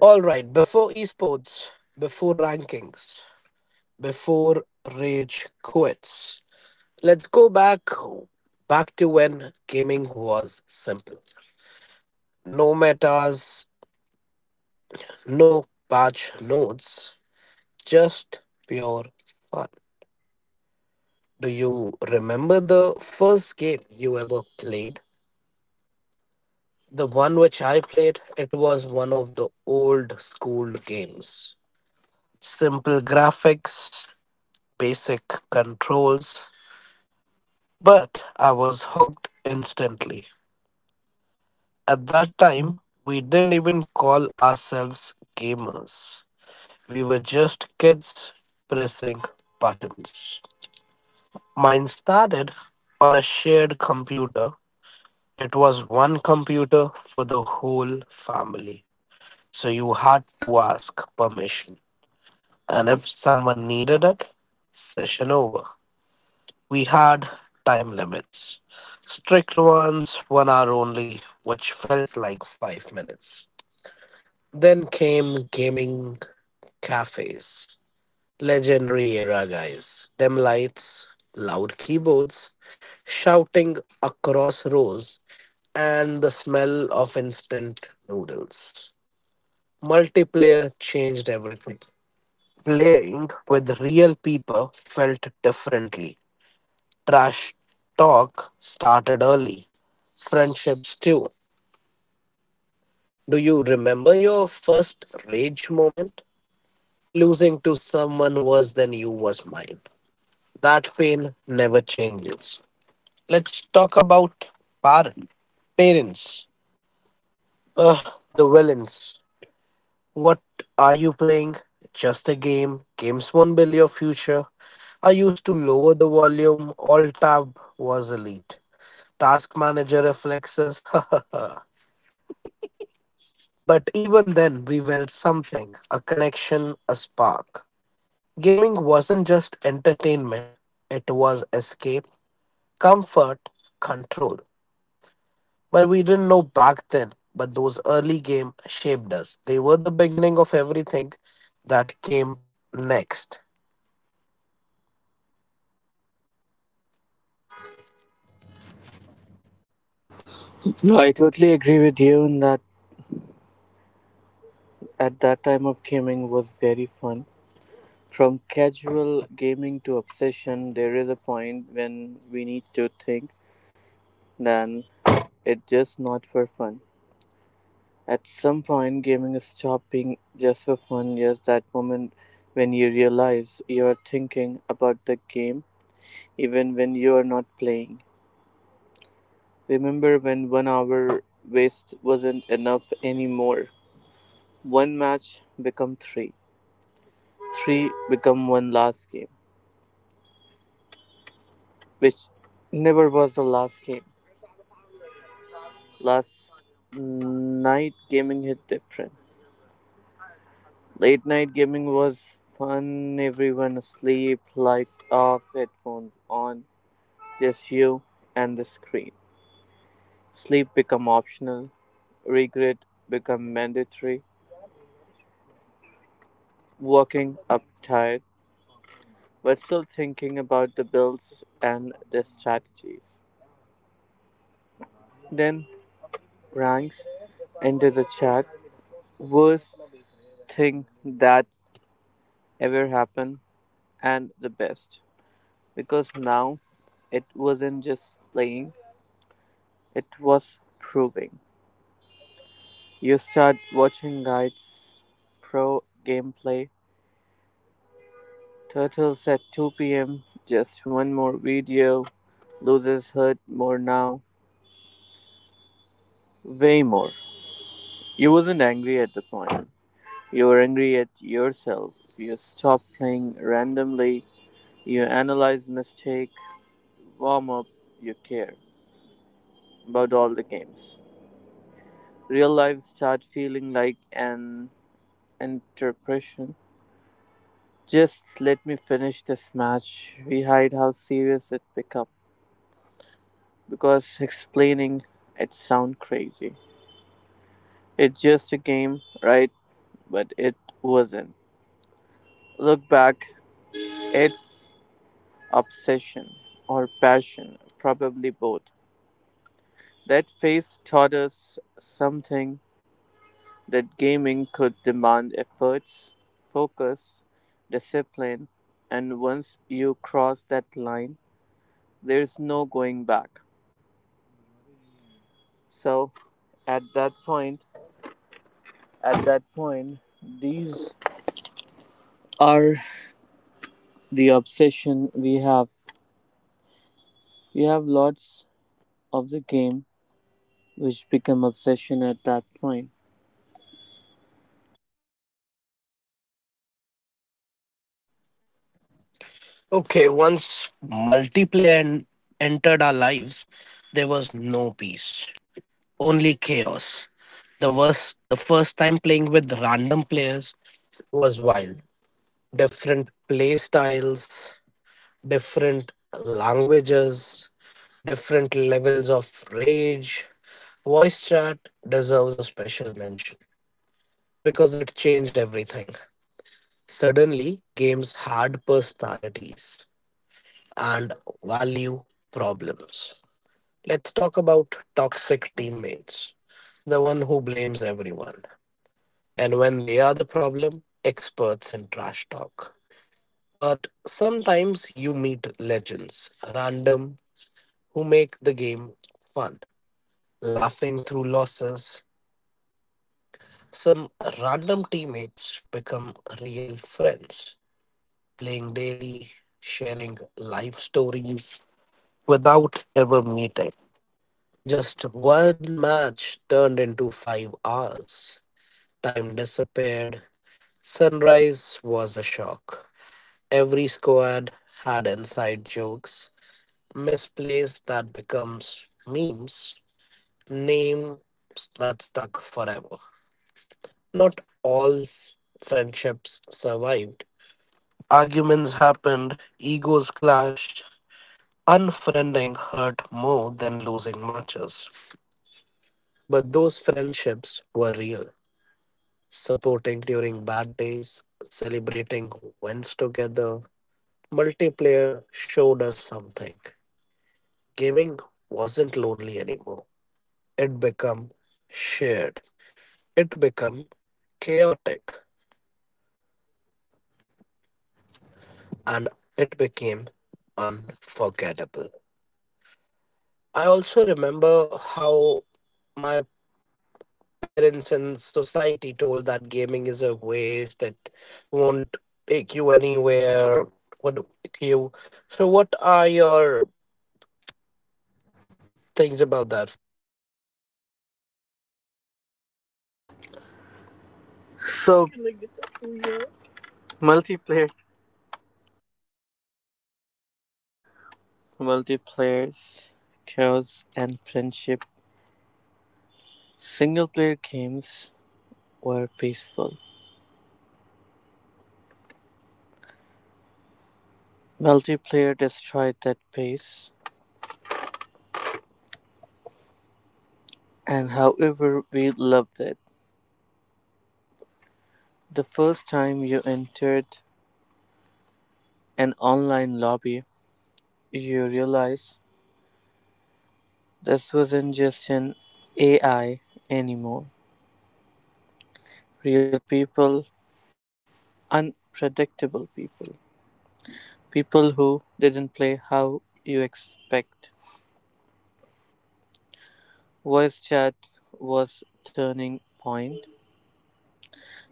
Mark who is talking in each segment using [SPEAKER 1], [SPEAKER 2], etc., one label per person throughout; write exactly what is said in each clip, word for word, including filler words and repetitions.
[SPEAKER 1] All right, before esports, before rankings, before rage quits, let's go back back to when gaming was simple. No metas, no patch notes, just pure fun. Do you remember the first game you ever played? The one which I played, it was one of the old school games. Simple graphics, basic controls, but I was hooked instantly. At that time, we didn't even call ourselves gamers. We were just kids pressing buttons. Mine started on a shared computer. It was one computer for the whole family. So you had to ask permission. And if someone needed it, session over. We had time limits. Strict ones, one hour only, which felt like five minutes. Then came gaming cafes. Legendary era guys. Dim lights, loud keyboards, shouting across rows, and the smell of instant noodles. Multiplayer changed everything. Playing with real people felt differently. Trash talk started early. Friendships too. Do you remember your first rage moment? Losing to someone worse than you was mine. That pain never changes. Let's talk about parent. Parents. Ugh, the villains. What are you playing? Just a game. Games won't build your future. I used to lower the volume. Alt tab was elite. Task manager reflexes. But even then, we felt something a connection, a spark. Gaming wasn't just entertainment, it was escape, comfort, control. But we didn't know back then, but those early games shaped us. They were the beginning of everything that came next.
[SPEAKER 2] No,
[SPEAKER 1] I
[SPEAKER 2] I
[SPEAKER 1] totally.
[SPEAKER 2] totally agree with you in that at that time of gaming was very fun. From casual gaming to obsession, there is a point when we need to think, then it's just not for fun. At some point, gaming is stopped being just for fun. Yes, that moment when you realize you are thinking about the game even when you are not playing. Remember when one hour waste wasn't enough anymore? One match become three, three become one last game, which never was the last game. Last night gaming hit different. Late night gaming was fun, everyone asleep, lights off, headphones on, just you and the screen. Sleep become optional, regret become mandatory, walking up tired, but still thinking about the builds and the strategies. Then ranks enter the chat, worst thing that ever happened and the best, because now it wasn't just playing, it was proving. You start watching guides, pro gameplay, turtles at two p m, just one more video. Losers hurt more now, way more. You wasn't angry at the point, you were angry at yourself. You stop playing randomly, you analyze mistake, warm up, you care about all the games. Real life start feeling like an interpretation. Just let me finish this match. We hide how serious it become, because explaining it sound crazy. It's just a game, right? But it wasn't. Look back, it's obsession or passion, probably both. That face taught us something, that gaming could demand efforts, focus, discipline, and once you cross that line, there's no going back. So at that point, at that point, these are the obsession we have. We have lots of the game which become obsession at that point.
[SPEAKER 1] Okay, once multiplayer en- entered our lives, there was no peace, only chaos. The worst, the first time playing with random players, was wild. Different play styles, different languages, different levels of rage. Voice chat deserves a special mention because it changed everything. Suddenly, games had personalities and value problems. Let's talk about toxic teammates, the one who blames everyone. And when they are the problem, experts in trash talk. But sometimes you meet legends, random, who make the game fun, laughing through losses. Some random teammates become real friends, playing daily, sharing life stories without ever meeting. Just one match turned into five hours. Time disappeared. Sunrise was a shock. Every squad had inside jokes misplaced that becomes memes, names that stuck forever. Not all f- Friendships survived. Arguments happened, egos clashed, unfriending hurt more than losing matches. But those friendships were real, supporting during bad days, celebrating wins together. Multiplayer showed us something. Gaming wasn't lonely anymore. It became shared, it became chaotic, and it became unforgettable. I also remember how my parents and society told that gaming is a waste that won't take you anywhere, won't take you. So, what are your things about that?
[SPEAKER 2] So multiplayer, multiplayers, chaos, and friendship. Single player games were peaceful. Multiplayer destroyed that pace, and however we loved it. The first time you entered an online lobby, you realized this wasn't just an A I anymore. Real people, unpredictable people, people who didn't play how you expect. Voice chat was turning point.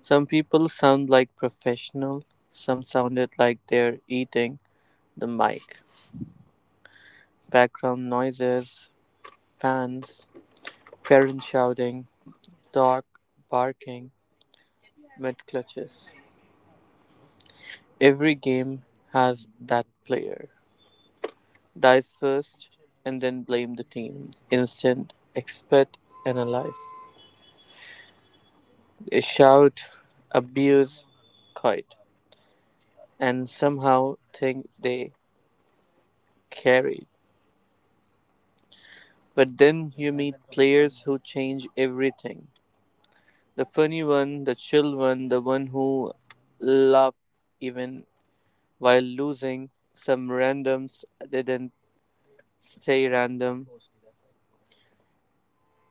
[SPEAKER 2] Some people sound like professional, some sounded like they're eating the mic. Background noises, fans, parents shouting, dog barking, mid clutches. Every game has that player. Dies first and then blame the team. Instant, expect, analyze. They shout, abuse, kite, and somehow think they carried. But then you meet players who change everything. The funny one, the chill one, the one who love even while losing. Some randoms didn't stay random.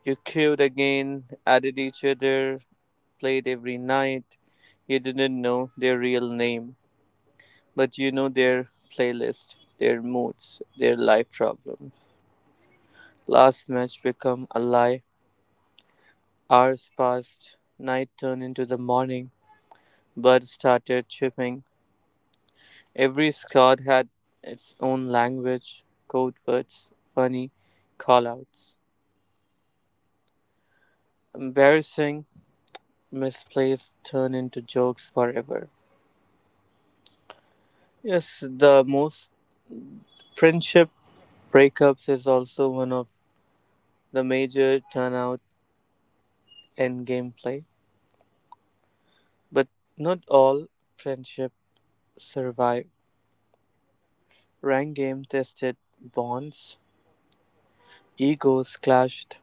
[SPEAKER 2] You queued again, added each other, played every night. You didn't know their real name, but you know their playlist, their moods, their life problems. Last match become a lie. Hours passed, night turned into the morning, birds started chirping. Every squad had its own language, code words, funny call outs. Embarrassing misplays turn into jokes forever. Yes, the most friendship breakups is also one of the major turnout in gameplay, but not all friendship survive. Rank game tested bonds, egos clashed,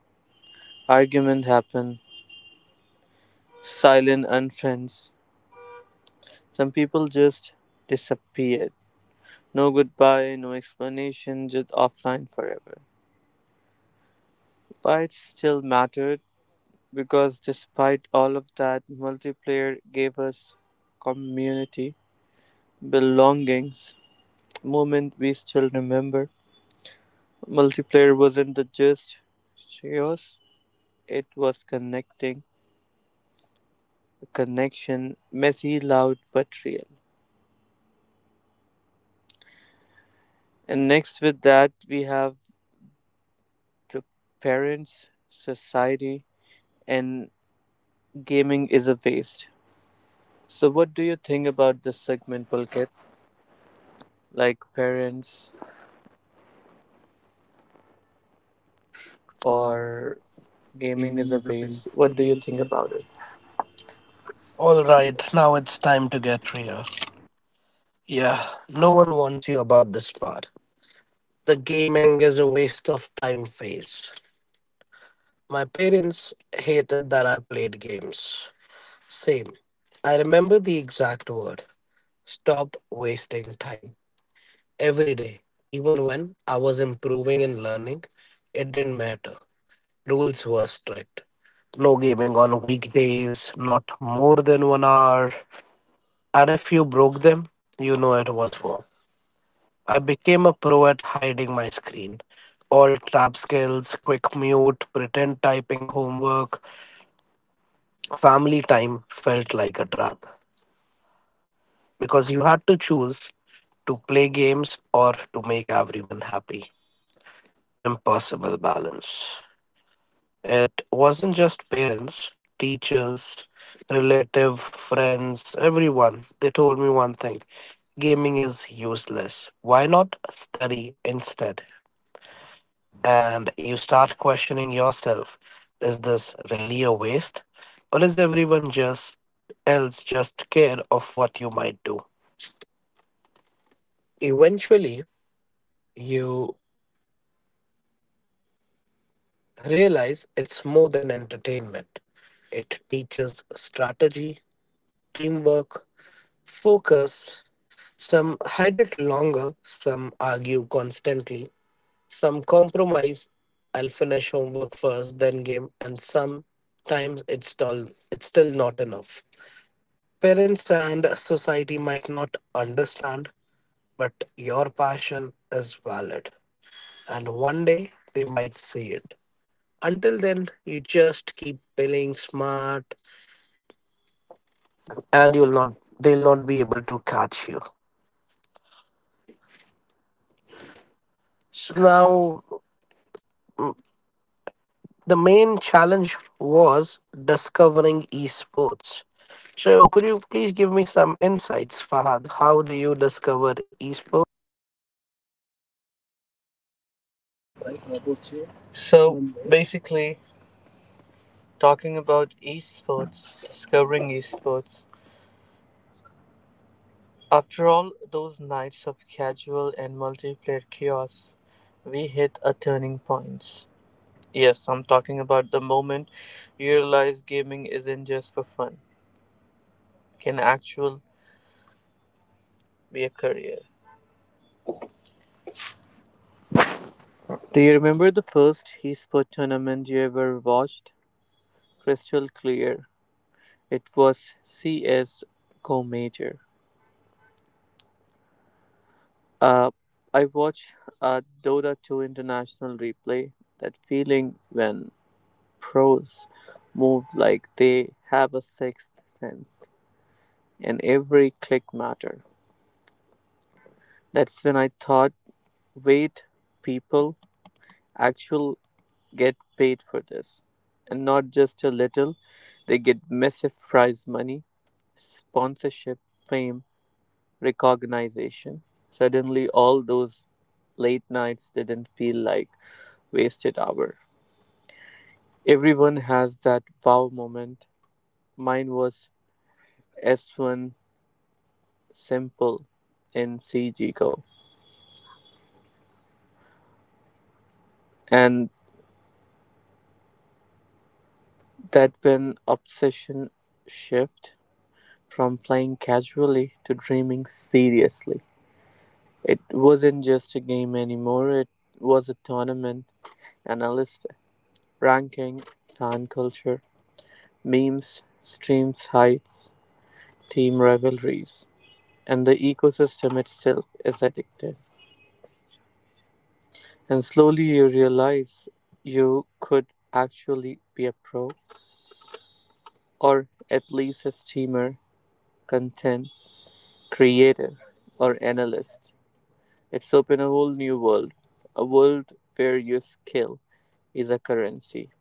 [SPEAKER 2] argument happen, silent unfriends. Some people just disappeared. No goodbye, no explanation, just offline forever. But it still mattered, because despite all of that, multiplayer gave us community, belongings, moment we still remember. Multiplayer wasn't the just chaos, it was connecting, a connection, messy, loud, but real. And next with that, we have the parents, society, and gaming is a waste. So, what do you think about this segment, Pulkit? Like parents or
[SPEAKER 1] Or
[SPEAKER 2] gaming
[SPEAKER 1] gaming
[SPEAKER 2] is
[SPEAKER 1] is
[SPEAKER 2] a
[SPEAKER 1] a waste.
[SPEAKER 2] waste. What
[SPEAKER 1] What
[SPEAKER 2] do
[SPEAKER 1] do
[SPEAKER 2] you
[SPEAKER 1] you
[SPEAKER 2] think
[SPEAKER 1] think
[SPEAKER 2] about
[SPEAKER 1] about
[SPEAKER 2] it?
[SPEAKER 1] it?
[SPEAKER 2] All
[SPEAKER 1] All
[SPEAKER 2] right,
[SPEAKER 1] right,
[SPEAKER 2] now
[SPEAKER 1] now
[SPEAKER 2] it's
[SPEAKER 1] it's
[SPEAKER 2] time
[SPEAKER 1] time
[SPEAKER 2] to
[SPEAKER 1] to
[SPEAKER 2] get
[SPEAKER 1] get
[SPEAKER 2] real,
[SPEAKER 1] real. Yeah, no one wants you about this part. The gaming is a waste of time phase. My parents hated that I played games. Same. I remember the exact word stop wasting time every day. Even when I was improving and learning, it didn't matter. Rules were strict. No gaming on weekdays, not more than one hour. And if you broke them, you know it was war. I became a pro at hiding my screen. All trap skills, quick mute, pretend typing homework, family time felt like a trap because you had to choose to play games or to make everyone happy. Impossible balance. It wasn't just parents, teachers, relative, friends, everyone. They told me one thing gaming is useless. Why not study instead? And you start questioning yourself, is this really a waste or is everyone just else just scared of what you might do? Eventually you realize it's more than entertainment. It teaches strategy, teamwork, focus. Some hide it longer, some argue constantly, some compromise. I'll finish homework first then game, and sometimes it's still it's still not enough. Parents and society might not understand, but your passion is valid. And one day they might see it. Until then, you just keep playing smart and you'll not they'll not be able to catch you. So now mm, the main challenge was discovering esports. So could you please give me some insights, Fahad? How do you discover esports?
[SPEAKER 2] right, Babuchi? So Um, basically, talking about esports, discovering esports. After all those nights of casual and multiplayer chaos, we hit a turning point. Yes, I'm talking about the moment you realize gaming isn't just for fun, can actually be a career. Do you remember the first esports tournament you ever watched? Crystal clear. It was C S. Go major. Uh, I watched a Dota two international replay. That feeling when pros move like they have a sixth sense and every click matter. That's when I thought, wait, people actually get paid for this. And not just a little, they get massive prize money, sponsorship, fame, recognition. Suddenly, all those late nights didn't feel like wasted hour. Everyone has that wow moment. Mine was S one simple in C G Go. And that when obsession shift from playing casually to dreaming seriously. It wasn't just a game anymore, it was a tournament, analyst, ranking, fan culture, memes, streams, heights, team rivalries, and the ecosystem itself is addictive. And slowly you realize you could actually be a pro, or at least a streamer, content creator, or analyst. It's opened a whole new world, a world where your skill is a currency.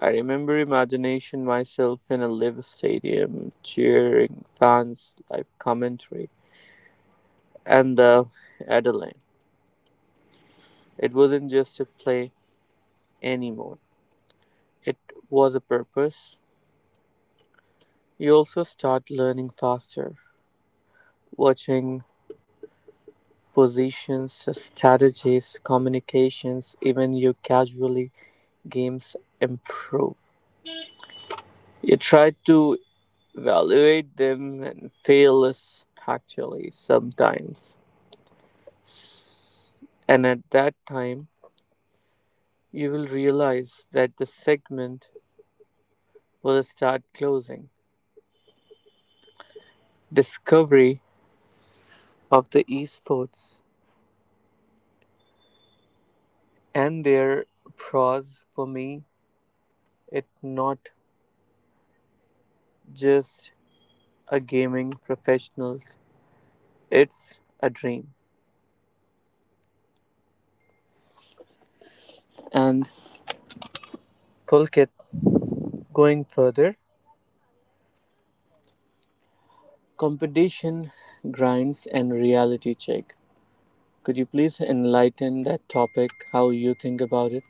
[SPEAKER 2] I remember imagination myself in a live stadium, cheering fans, live commentary, and the adrenaline. It wasn't just a play anymore. It was a purpose. You also start learning faster, watching positions, strategies, communications, even your casually games improve. You try to evaluate them and fail us actually sometimes. And at that time, you will realize that the segment will start closing. Discovery of the esports and their pros for me, it's not just a gaming professionals, it's a dream. And Pulkit, going further, competition, grinds, and reality check. Could you please enlighten that topic, how you think about
[SPEAKER 1] Okay.
[SPEAKER 2] it?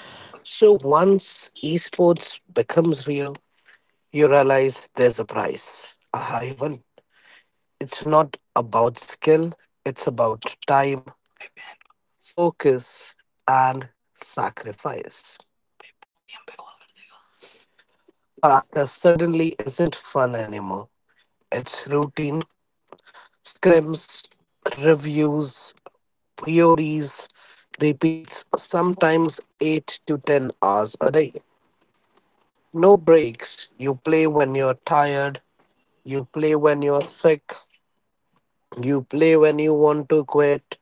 [SPEAKER 1] So once esports becomes real, you realize there's a price. A high one. It's not about skill, it's about time, focus, and sacrifice. Practice suddenly isn't fun anymore. It's routine, scrims, reviews, priorities, repeats, sometimes eight to ten hours a day. No breaks. You play when you're tired, you play when you're sick, you play when you want to quit,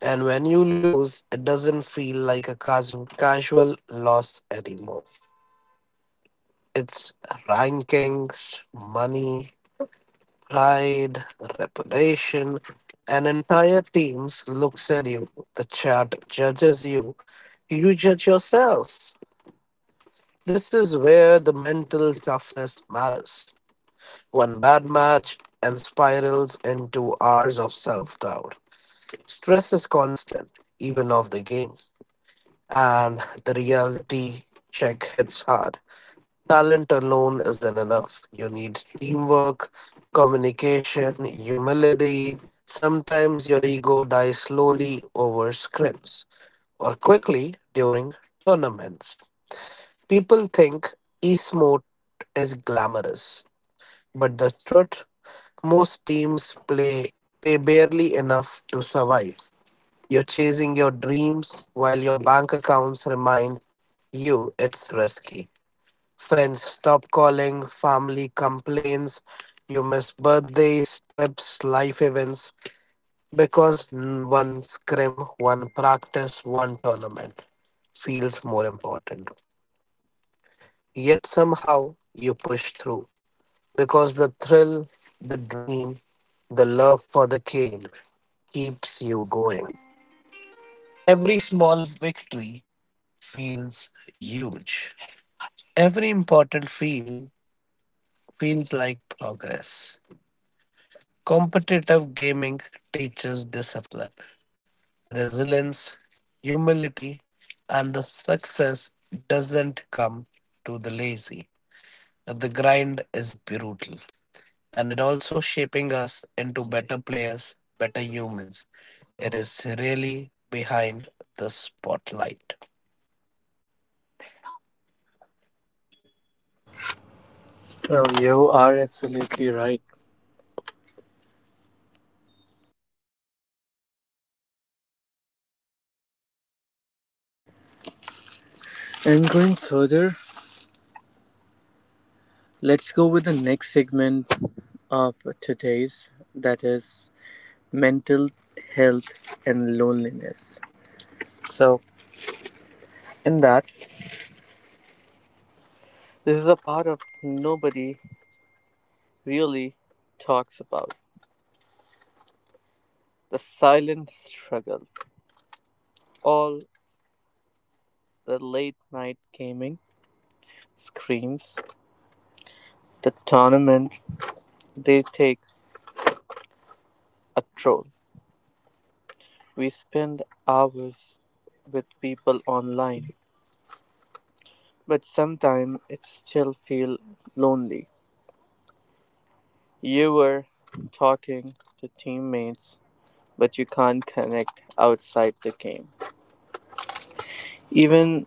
[SPEAKER 1] and when you lose, it doesn't feel like a casu- casual loss anymore. It's rankings, money, pride, reputation. An entire team looks at you. The chat judges you. You judge yourself. This is where the mental toughness matters. One bad match and spirals into hours of self doubt. Stress is constant, even off the game, and the reality check hits hard. Talent alone isn't enough. You need teamwork, communication, humility. Sometimes your ego dies slowly over scrims or quickly during tournaments. People think esport is glamorous, but the truth most teams play pay barely enough to survive. You're chasing your dreams while your bank accounts remind you it's risky. Friends stop calling, family complains, you miss birthdays, trips, life events because n- one scrim, one practice, one tournament feels more important. Yet somehow you push through because the thrill, the dream, the love for the game keeps you going. Every small victory feels huge. Every important field feels like progress. Competitive gaming teaches discipline, resilience, humility, and the success doesn't come to the lazy. The grind is brutal, and it also shaping us into better players, better humans. It is really behind the spotlight.
[SPEAKER 2] Well,
[SPEAKER 1] Um,
[SPEAKER 2] you
[SPEAKER 1] You are
[SPEAKER 2] are
[SPEAKER 1] absolutely
[SPEAKER 2] absolutely
[SPEAKER 1] right.
[SPEAKER 2] right. And going further, let's go with the next segment of today's that is mental health and loneliness. So, in that, this is a part of nobody really talks about the silent struggle, all the late night gaming, screams, the tournament, they take a troll. We spend hours with people online, but sometimes it still feels lonely. You were talking to teammates, but you can't connect outside the game. Even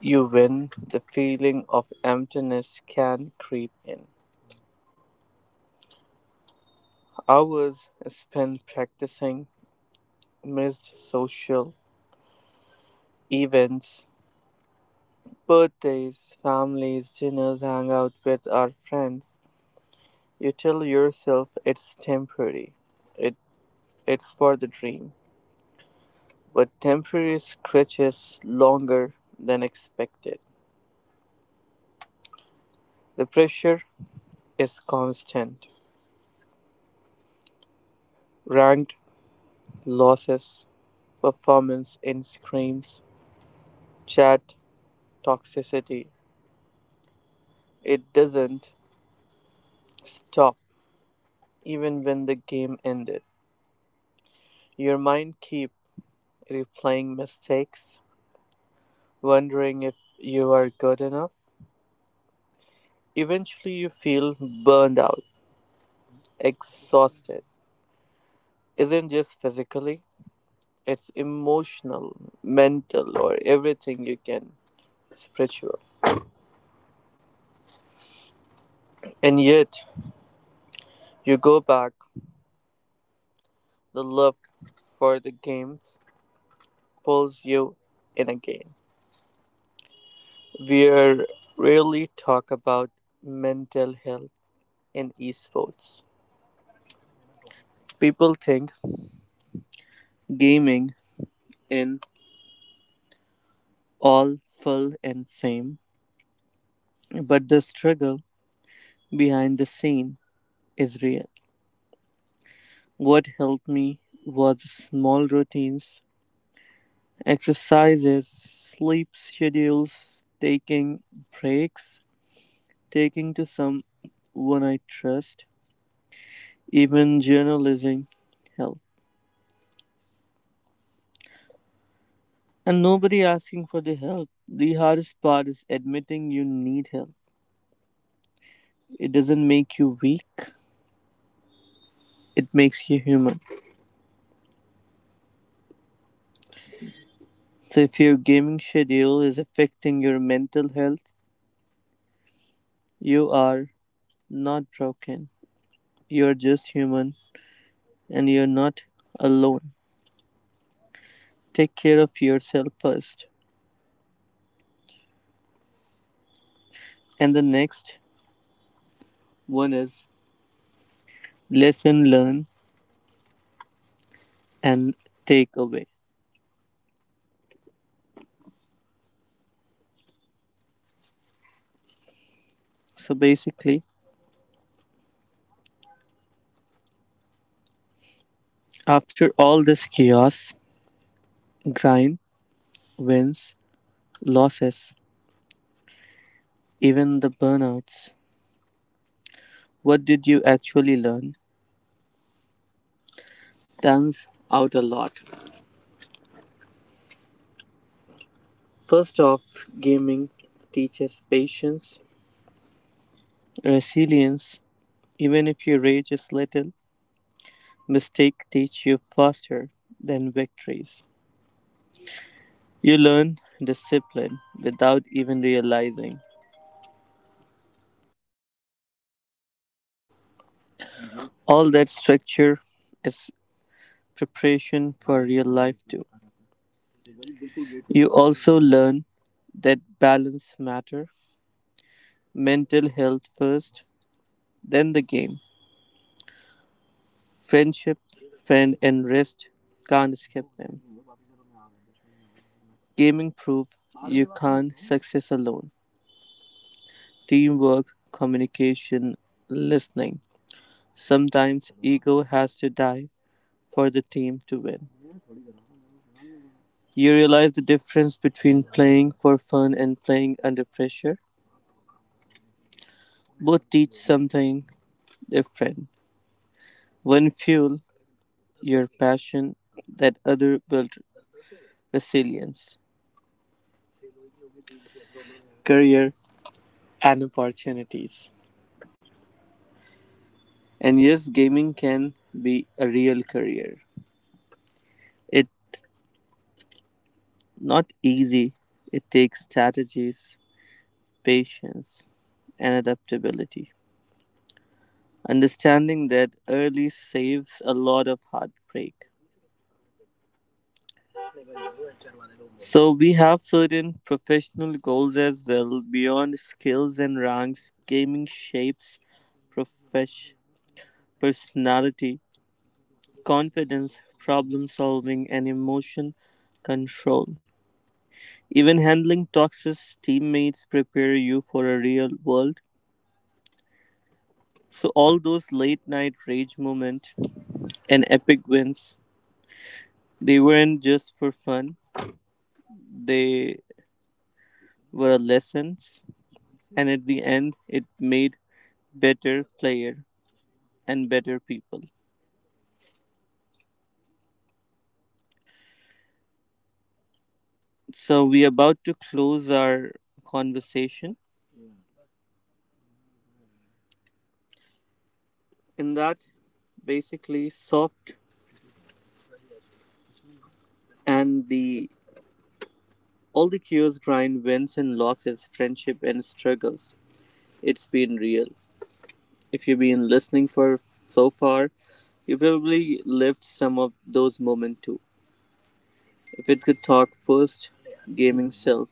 [SPEAKER 2] you win, the feeling of emptiness can creep in. Hours spent practicing, missed social events, birthdays, families, dinners, hang out with our friends. You tell yourself it's temporary. It it's for the dream. But temporary scratches longer than expected. The pressure is constant. Ranked losses, performance in screams, chat toxicity. It doesn't stop even when the game ended. Your mind keep replaying mistakes, wondering if you are good enough. Eventually you feel burned out, exhausted. Isn't just physically, it's emotional, mental, or everything you can, spiritual. And yet you go back, the love for the games pulls you in again. We are rarely talk about mental health in esports. People think gaming in all full and fame, but the struggle behind the scene is real. What helped me was small routines, exercises, sleep schedules, taking breaks, taking to someone I trust, even journalism helps. And nobody asking for the help. The hardest part is admitting you need help. It doesn't make you weak, it makes you human. So if your gaming schedule is affecting your mental health, you are not broken. You're just human and you're not alone. Take care of yourself first. And the next one is lesson learn and take away. So basically, after all this chaos, grind, wins, losses, even the burnouts. What did you actually learn? Turns out a lot. First off, gaming teaches patience, resilience. Even if your rage is little, mistakes teach you faster than victories. You learn discipline without even realizing. All that structure is preparation for real life too. You also learn that balance matter, mental health first, then the game. Friendship, friend, and rest, can't skip them. Gaming proved you can't success alone. Teamwork, communication, listening. Sometimes ego has to die for the team to win. You realize the difference between playing for fun and playing under pressure. Both teach something different. One fuel your passion, that other build resilience, career, and opportunities. And yes, gaming can be a real career. It's not easy. It takes strategies, patience, and adaptability. Understanding that early saves a lot of heartbreak. So we have certain professional goals as well beyond skills and ranks. Gaming shapes profesh- personality, confidence, problem solving, and emotion control. Even handling toxic teammates prepare you for a real world. So all those late night rage moments and epic wins, they weren't just for fun. They were lessons, and at the end, it made better player and better people. So we are about to close our conversation. In that, basically, soft and the all the cures, grind, wins and losses, friendship and struggles. It's been real. If you've been listening for so far, you probably lived some of those moments too. If it could talk first gaming self,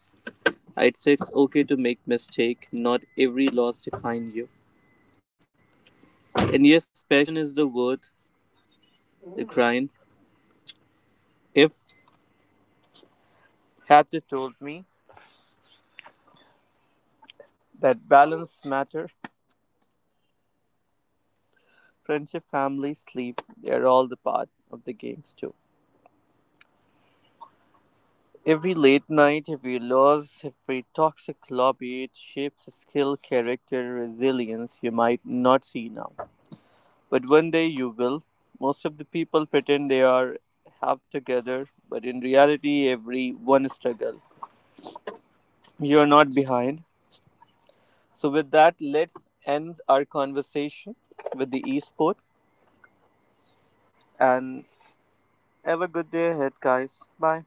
[SPEAKER 2] I'd say it's okay to make mistake. Not every loss define you. And yes, passion is the word, the grind. If had to told me that balance matter, friendship, family, sleep, they're all the part of the games too. Every late night, every loss, every toxic lobby, it shapes skill, character, resilience you might not see now. But one day you will. Most of the people pretend they are half together, but in reality, every one struggle. You're not behind. So, with that, let's end our conversation with the esport and have a good day ahead, guys. Bye.